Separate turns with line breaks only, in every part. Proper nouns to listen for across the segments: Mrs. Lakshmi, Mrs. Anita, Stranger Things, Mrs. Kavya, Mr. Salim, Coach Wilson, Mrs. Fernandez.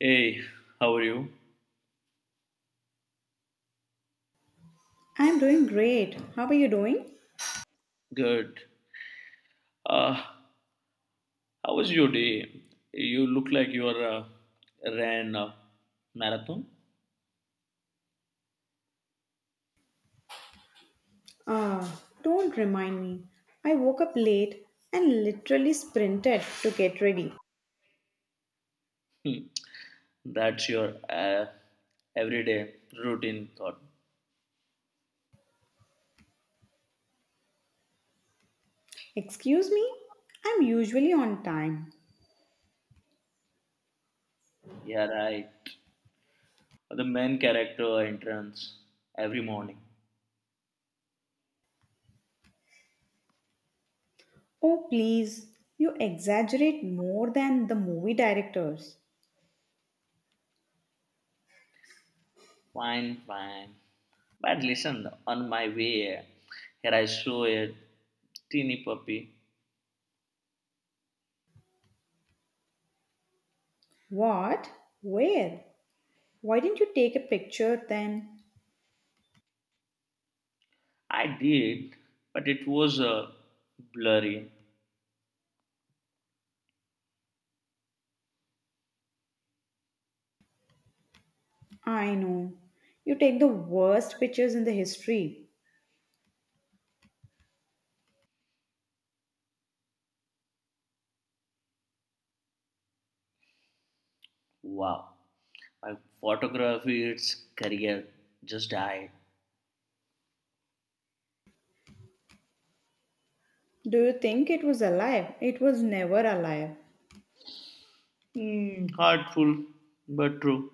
Hey, how are you?
I'm doing great. How are you doing?
Good. How was your day? You look like you are ran a marathon.
Ah, don't remind me. I woke up late and literally sprinted to get ready.
Hmm. That's your everyday routine thought.
Excuse me? I'm usually on time.
Yeah, right. The main character entrance every morning.
Oh, please. You exaggerate more than the movie directors.
Fine, fine. But listen, on my way here, I saw a teeny puppy.
What? Where? Why didn't you take a picture then?
I did, but it was blurry.
I know. You take the worst pictures in the history.
Wow. My photography, its career, just died.
Do you think it was alive? It was never alive.
Heartful, but true.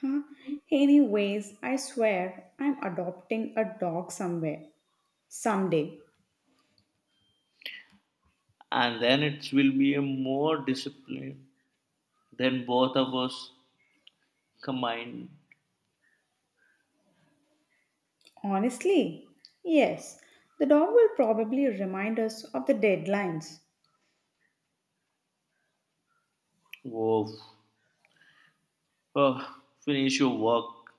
Huh? Anyways, I swear I'm adopting a dog somewhere, someday.
And then it will be a more discipline than both of us combined.
Honestly, yes, the dog will probably remind us of the deadlines.
Whoa. Oh, finish your work.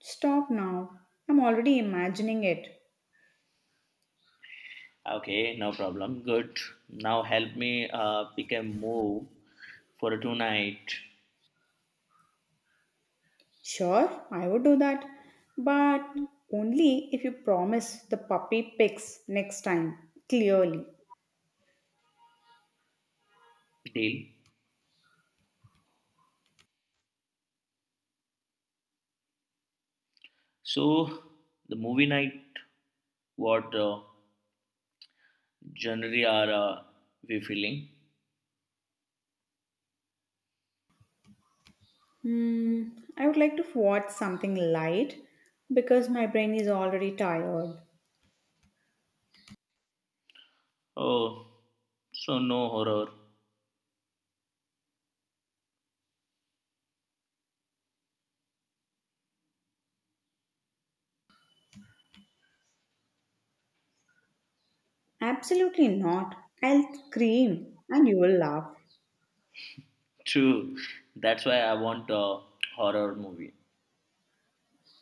Stop now, I'm already imagining it.
Okay, no problem. Good. Now help me pick a move for a tonight
Sure, I would do that, but only if you promise the puppy picks next time, clearly.
deal. So, the movie night, what genre are we feeling?
Hmm, I would like to watch something light because my brain is already tired.
Oh, so no horror.
Absolutely not. I'll scream and you will laugh.
True. That's why I want a horror movie.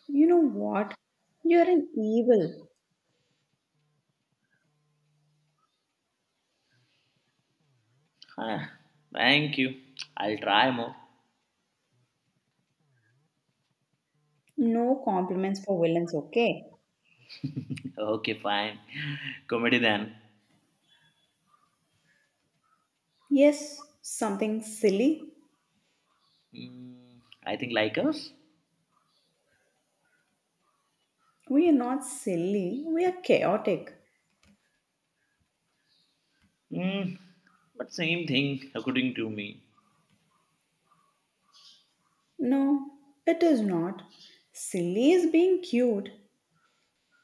You know what? You're an evil.
Ah, thank you. I'll try more.
No compliments for villains, okay?
Okay, fine. Comedy then.
Yes, something silly.
Mm, I think like us.
We are not silly, we are chaotic.
Mm, but same thing according to me.
No, it is not. Silly is being cute.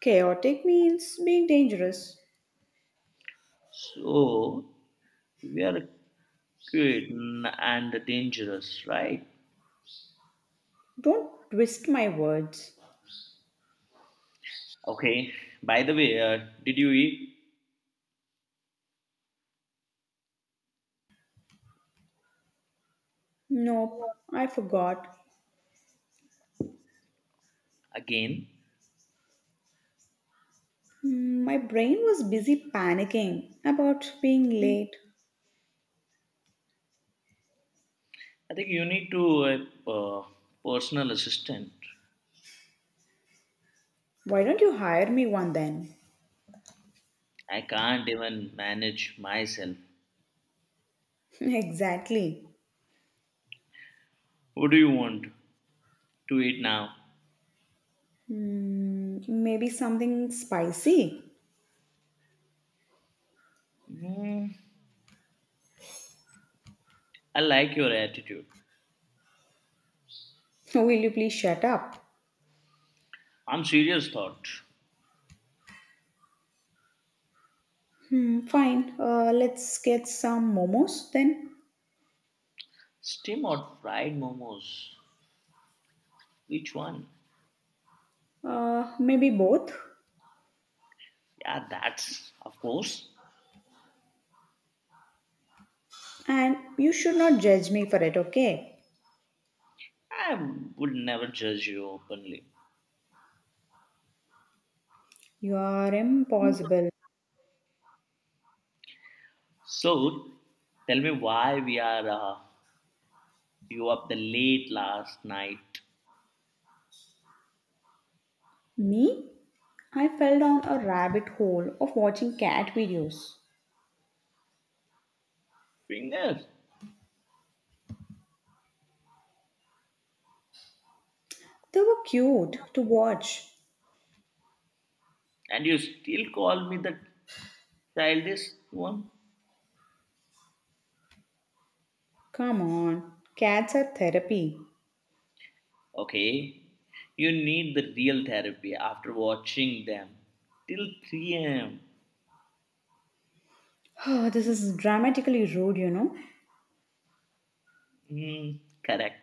Chaotic means being dangerous.
So we are good and dangerous, right?
Don't twist my words.
Okay. By the way, did you eat
Nope, I forgot.
again?
My brain was busy panicking about being late.
I think you need to a personal assistant.
Why don't you hire me one then?
I can't even manage myself.
Exactly.
What do you want to eat now?
Maybe something spicy.
"Hmm, I like your attitude.
Will you please shut up?
I'm serious, thought.
Fine. Let's get some momos then.
Steam or fried momos? Which one?
Maybe both.
Yeah, that's of course.
And you should not judge me for it, okay?
I would never judge you openly.
You are impossible.
So, tell me why we are you up the late last night,
Me? I fell down a rabbit hole of watching cat videos.
fingers,
They were cute to watch.
and you still call me the childish one?
Come on, cats are therapy.
Okay, you need the real therapy after watching them till 3 a.m.
This is dramatically rude.
Correct.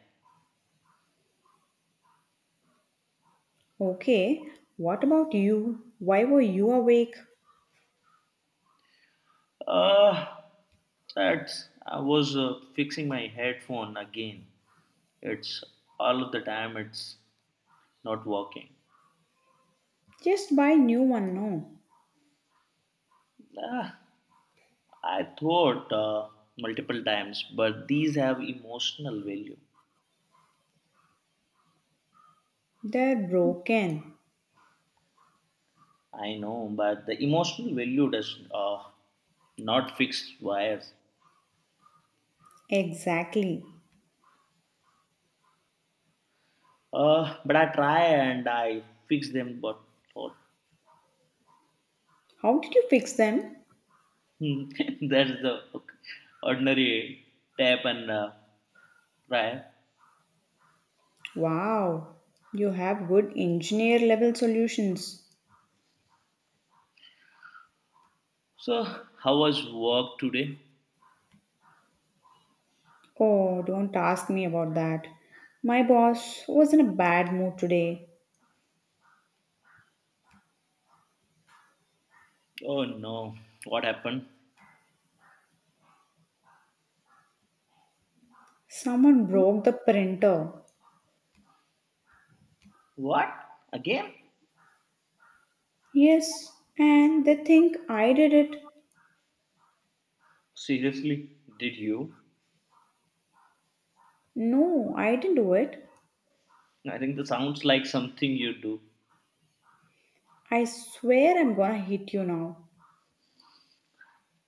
Okay, what about you? Why were you awake?
Uh, that's I was fixing my headphone again. It's all of the time it's not working.
Just buy new one no.
Ah, I thought multiple times, but these have emotional value.
They're broken.
I know, but the emotional value does not fix wires.
Exactly.
But I try and I fix them, but
How did you fix them?
hmm, that's the ordinary tap and try.
Wow, you have good engineer level solutions.
So, how was work today?
Oh, don't ask me about that. My boss was in a bad mood today.
Oh no, what happened?
Someone broke the printer.
What? Again?
Yes, and they think I did it.
Seriously, did you?
No, I didn't do it.
I think that sounds like something you do.
I swear I'm gonna hit you now.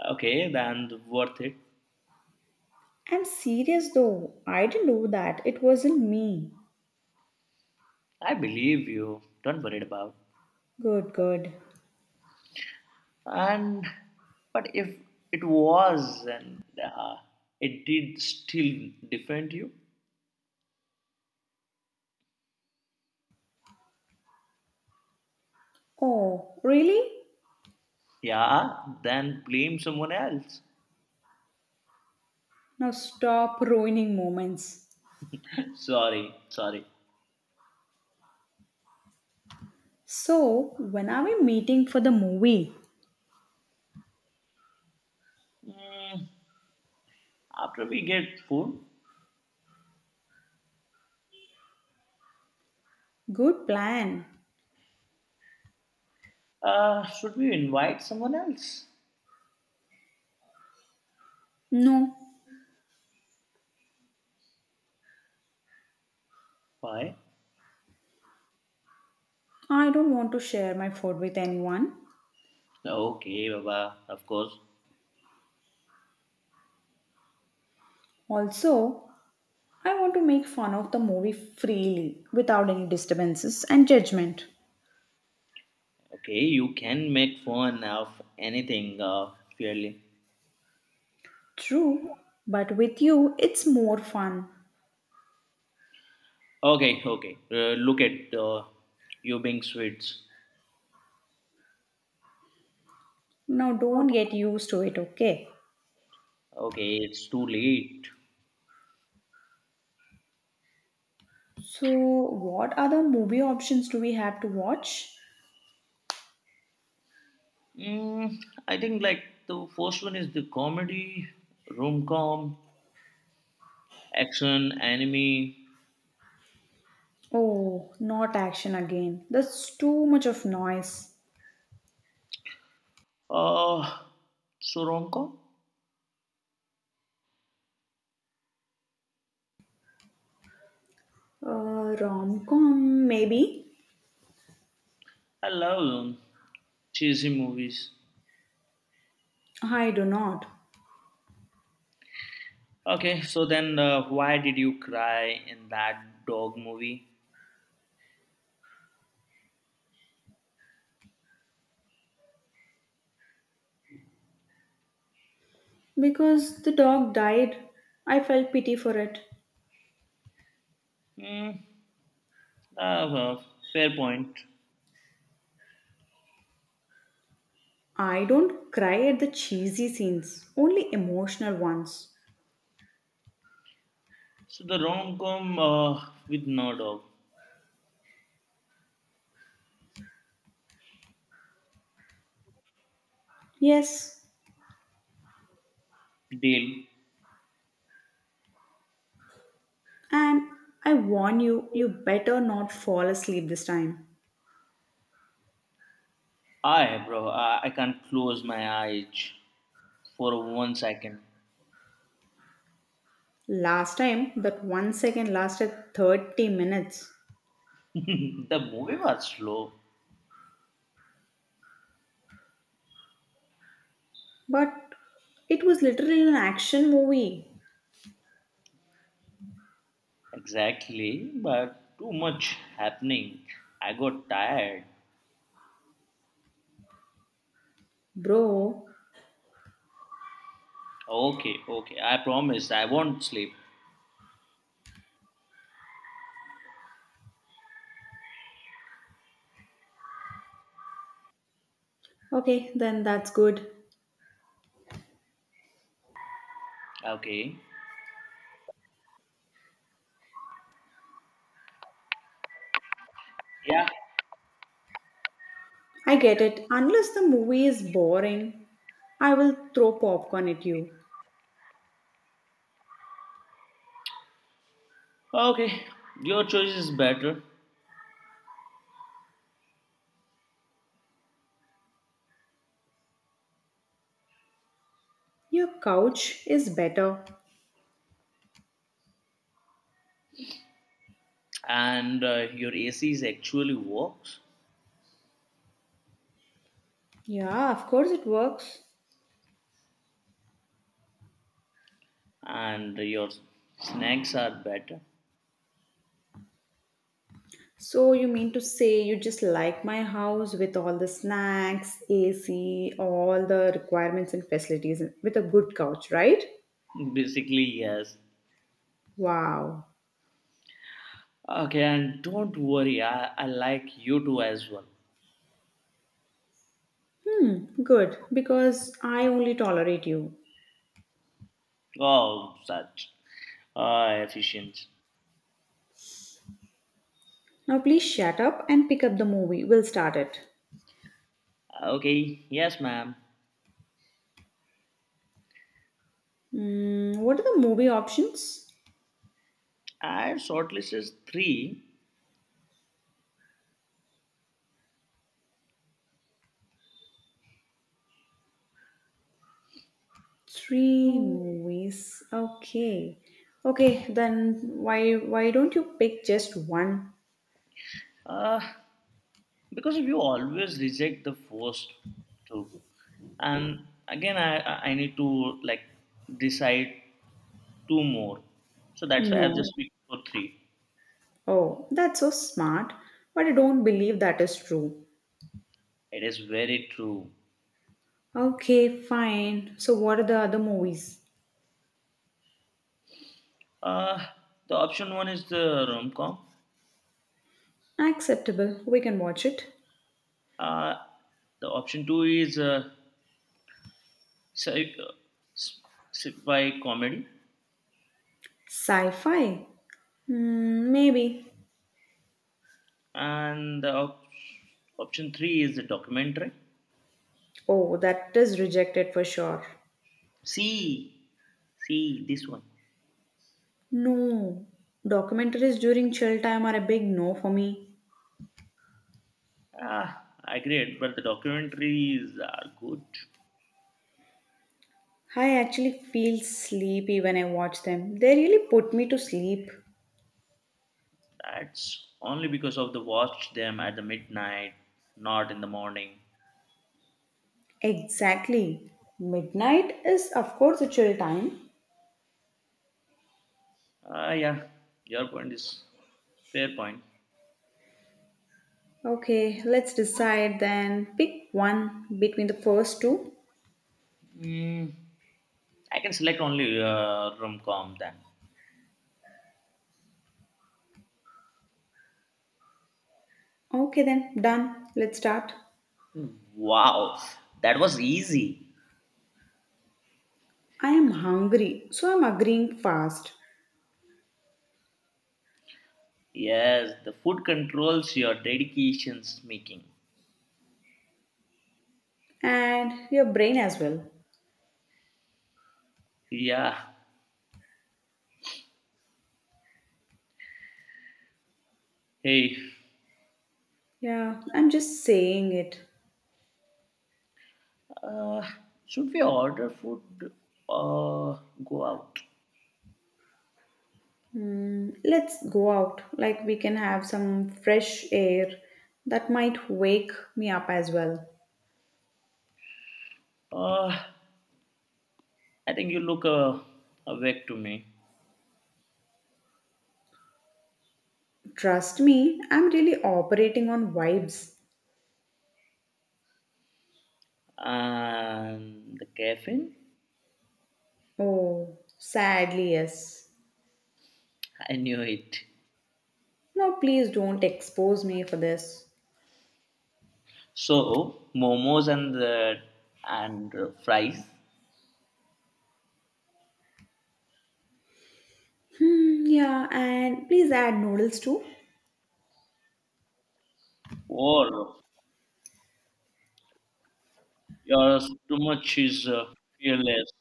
Okay, then worth it.
I'm serious though. I didn't do that. It wasn't me.
I believe you. Don't worry about.
Good, good.
And but if it was and it did still defend you,
Oh, really?
yeah, then blame someone else.
Now stop ruining moments.
Sorry, sorry.
So, when are we meeting for the movie?
Mm, After we get food,
Good plan.
should we invite someone else?
No,
Why?
I don't want to share my food with anyone.
Okay, Baba, of course.
Also, I want to make fun of the movie freely without any disturbances and judgment.
Okay, you can make fun of anything fairly.
True, but with you, it's more fun.
Okay, okay. Look at you being sweets.
Now, don't get used to it, okay?
Okay, it's too late.
So, what other movie options do we have to watch?
I think like the first one is the comedy, rom com, action, anime,
Oh, not action again. That's too much of noise.
Uh, so rom
Rom com, maybe?
I love cheesy movies.
I do not.
Okay, so then why did you cry in that dog movie?
Because the dog died, I felt pity for it.
Hmm, uh, uh, Fair point.
I don't cry at the cheesy scenes, only emotional ones.
So the rom-com with no dog.
Yes,
Deal.
and I warn you, you better not fall asleep this time.
Bro, I can't close my eyes for 1 second.
Last time, that 1 second lasted 30 minutes.
The movie was slow,
But it was literally an action movie,
exactly, but too much happening. I got tired.
bro.
Okay, okay. I promise I won't sleep.
Okay, then that's good.
Okay. Yeah.
I get it. Unless the movie is boring, I will throw popcorn at you.
Okay. Your choice is better,
Your couch is better.
and your AC is actually works,
Yeah, of course it works.
and your snacks are better.
So you mean to say you just like my house with all the snacks, AC, all the requirements and facilities and- with a good couch, right?
Basically, yes.
Wow.
Okay, and don't worry. I like you too as well.
Good, because I only tolerate you.
Oh, such efficient.
Now, please shut up and pick up the movie. We'll start it.
Okay. Yes, ma'am.
What are the movie options?
I shortlisted three.
Three movies. Okay. Okay, then why don't you pick just one?
Uh, because you always reject the first two. And again I need to like decide two more, so that's why I've
No.
just picked for three.
Oh, that's so smart. But I don't believe that is true.
It is very true.
Okay, fine. So what are the other movies?
uh the option one is the rom-com.
Acceptable. We can watch it.
uh the option two is sci- uh, s- sci-fi comedy.
Sci-fi. Maybe.
And the option three is the documentary.
Oh, that is rejected for sure.
See see this one.
No, documentaries during chill time are a big no for me.
ah I agree, but the documentaries are good.
I actually feel sleepy when I watch them. They really put me to sleep.
That's only because of the watch them at the midnight, not in the morning.
Exactly. Midnight is, of course, a chill time.
Ah, yeah, your point is fair point.
Okay, let's decide then. Pick one between the first two.
Mm, I can select only rom-com then.
Okay, then, done. Let's start.
Hmm, Wow, that was easy.
I am hungry, so I'm agreeing fast.
Yes, the food controls your dedications making.
And your brain as well.
Yeah. Hey,
Yeah, I'm just saying it.
uh, should we order food or go out?
Let's go out. Like we can have some fresh air that might wake me up as well.
Uh, I think you look awake to me.
Trust me, I'm really operating on vibes.
And the caffeine,
Oh, sadly, yes.
I knew it.
Now, please don't expose me for this.
So momos and the and fries.
Yeah, and please add noodles too.
Wow, your stomach is fearless.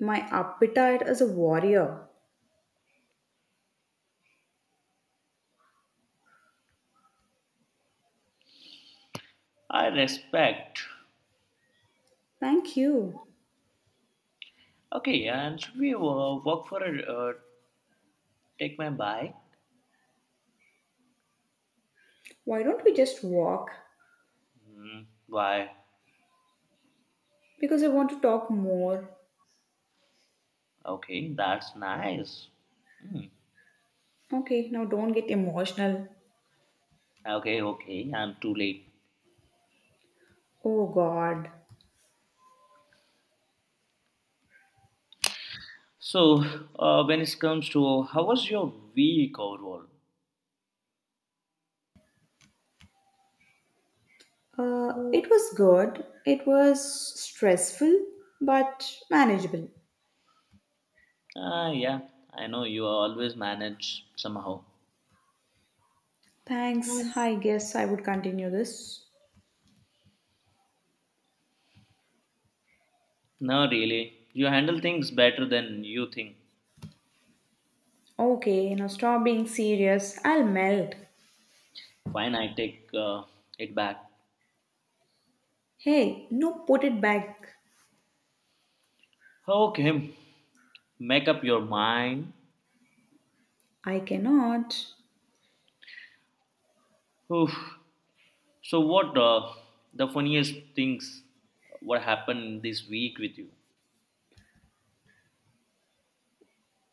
My appetite is a warrior.
I respect.
Thank you.
Okay, and should we walk for a take my bike?
Why don't we just walk?
Hmm, why?
Because I want to talk more.
Okay, that's nice. Hmm.
Okay, now don't get emotional.
Okay, okay, I'm too late.
Oh god.
So, when it comes to how was your week overall?
It was good. It was stressful, but manageable.
Ah, yeah, I know you always manage somehow.
Thanks. I guess I would continue this.
No, really, you handle things better than you think.
Okay, now stop being serious. I'll melt.
Fine, I take it back.
Hey, no, put it back.
Okay, make up your mind.
I cannot.
Oof. So, what the funniest things what happened this week with you?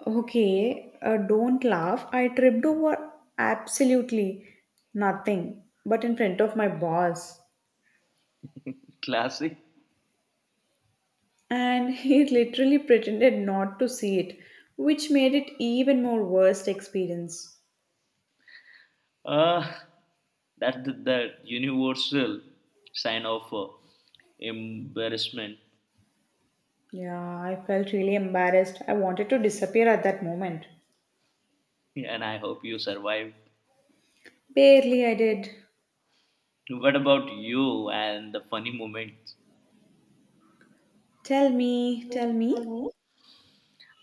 Okay, don't laugh. I tripped over absolutely nothing, but in front of my boss.
Classic.
And he literally pretended not to see it, which made it even more worst experience.
Uh, that the universal sign of embarrassment,
Yeah, I felt really embarrassed. I wanted to disappear at that moment.
and I hope you survive.
Barely I did.
What about you and the funny moments?
Tell me, tell me.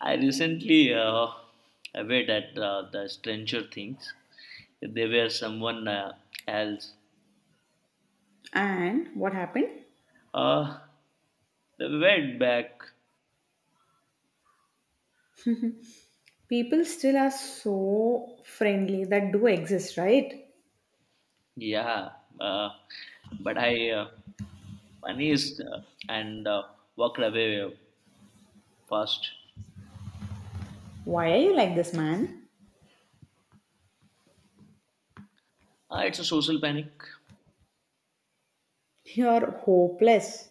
I recently aware at the Stranger Things. They were someone else.
And what happened?
Uh, they were back.
People still are so friendly that do exist, right?
Yeah. Uh, but I funny uh, and walked away fast.
Why are you like this, man?
It's a social panic.
You're hopeless.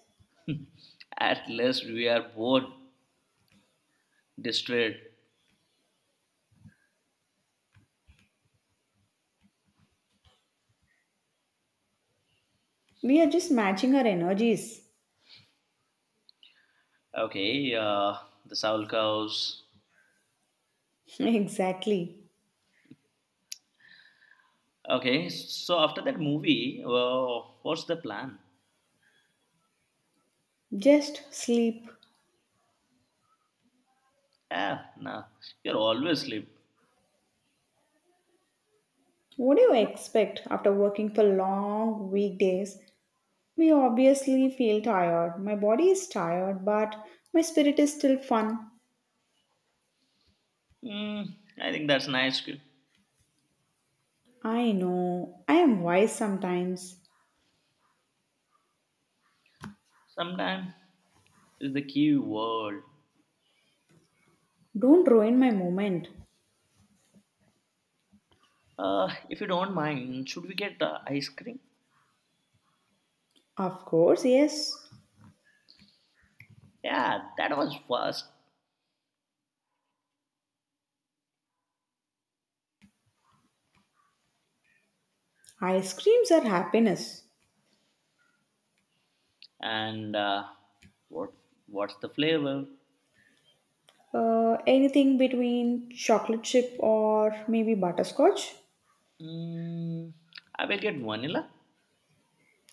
At least we are both distraught.
We are just matching our energies.
Okay. The Soul Cows.
Exactly.
Okay, so after that movie, what's the plan?
Just sleep.
Ah, no, you're always sleep.
What do you expect after working for long weekdays? We obviously feel tired. My body is tired, but my spirit is still fun.
Mm, I think that's nice.
I know. I am wise sometimes.
Sometime is the key word.
Don't ruin my moment.
If you don't mind, should we get ice cream?
Of course, yes.
Yeah, that was first.
Ice creams are happiness.
And what what's the flavor?
Anything between chocolate chip or maybe butterscotch?
Mm, I will get vanilla.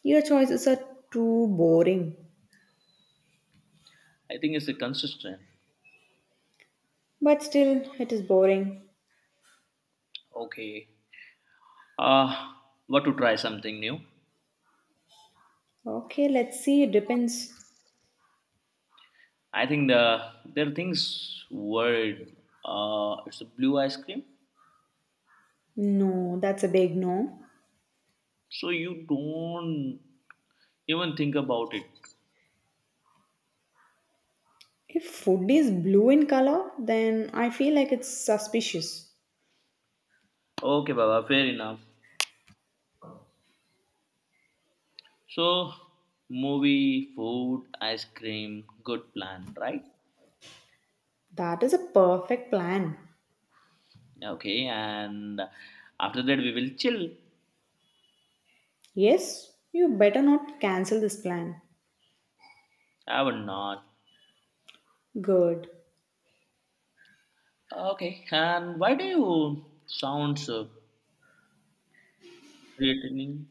Your choices are too boring.
I think it's a consistent.
But still, it is boring.
Okay. Uh, what to try something new?
Okay, let's see. It depends.
I think the there are things word it's a blue ice cream,
No, that's a big no.
so you don't even think about it.
If food is blue in color, then I feel like it's suspicious.
Okay, Baba, fair enough. So movie, food, ice cream, good plan, right?
That is a perfect plan.
Okay, and after that we will chill.
Yes, you better not cancel this plan.
I will not.
Good.
Okay, and why do you sound so threatening?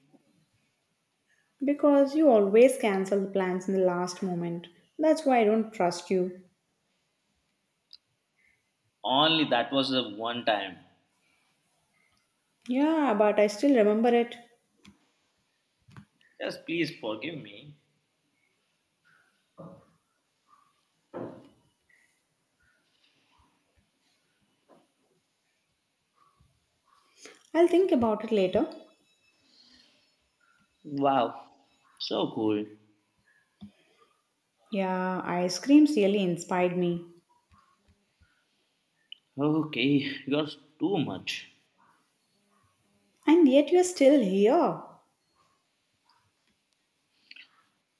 Because you always cancel the plans in the last moment. That's why I don't trust you.
Only that was the one time.
Yeah, but I still remember it.
Just please forgive me.
I'll think about it later.
Wow, so cool.
Yeah, ice creams really inspired me.
Okay, yours too much.
And yet you're still here.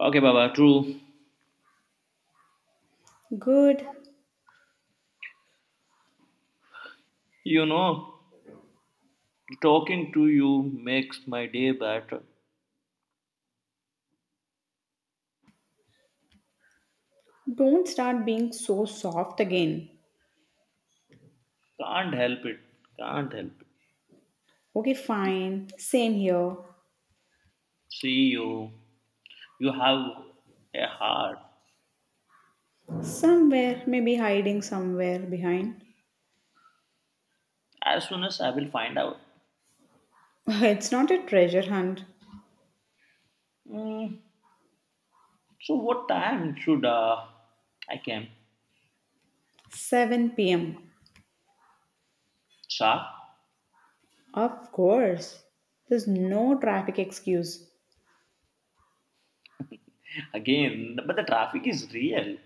Okay, Baba, true.
Good.
You know, Talking to you makes my day better.
Don't start being so soft again.
Can't help it. Can't help it.
Okay, fine. Same here.
See you. You have a heart.
Somewhere, maybe hiding somewhere behind.
As soon as I will find out.
It's not a treasure hunt.
Mm, so what time should I come?
7 pm.
Sharp?
Of course. There's no traffic excuse.
Again, but the traffic is real.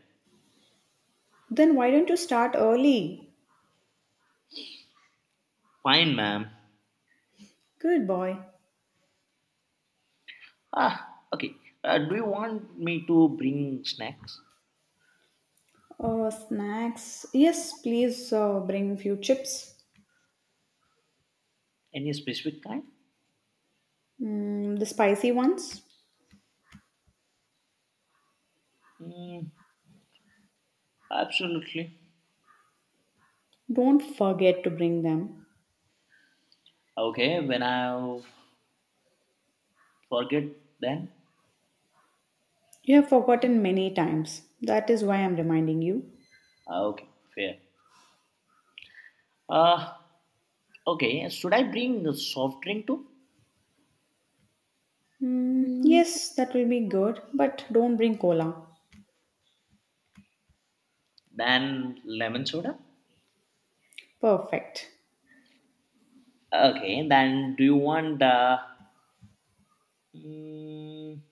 Then why don't you start early?
Fine, ma'am.
Good boy.
Ah, okay. Do you want me to bring snacks?
Oh, snacks. Yes, please bring few chips.
Any specific kind?
The spicy ones.
Mm, absolutely.
Don't forget to bring them.
Okay, when I forget, then
You have forgotten many times. That is why I'm reminding you.
ah, okay, fair. Uh, okay, should I bring the soft drink too?
Yes, that will be good, but don't bring cola.
Then lemon soda.
Perfect.
Okay, then do you want the? Mm,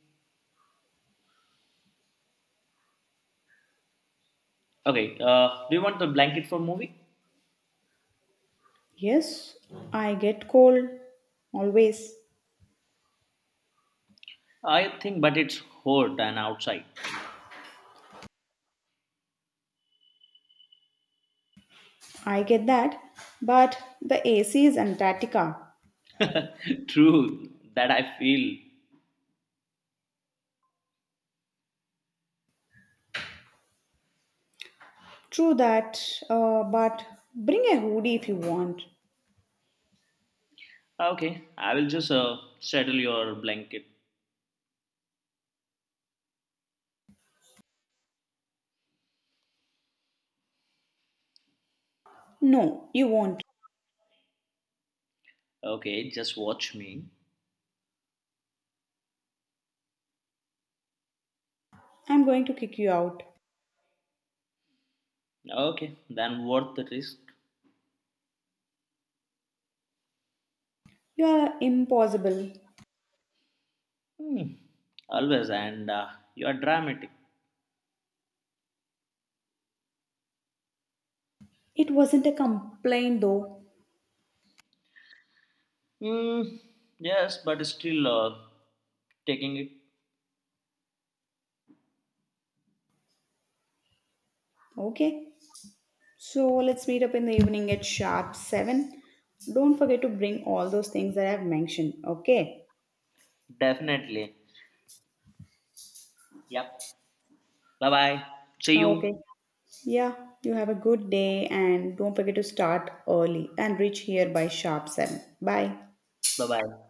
okay, do you want the blanket for movie?
Yes, I get cold always.
I think, but it's hot and outside.
I get that. But the AC is Antarctica.
True, that I feel.
True that, but bring a hoodie if you want.
Okay, I will just settle your blanket.
No, you won't.
Okay, just watch me.
I'm going to kick you out.
Okay, then worth the risk.
You are impossible.
Hmm, Always, and you are dramatic.
It wasn't a complaint though.
Mm, yes, but still taking it.
Okay, so let's meet up in the evening at sharp 7. Don't forget to bring all those things that I've mentioned. Okay.
Definitely. Yep. Bye bye. See
Okay.
you.
Yeah, you have a good day and don't forget to start early and reach here by sharp 7. Bye.
Bye bye.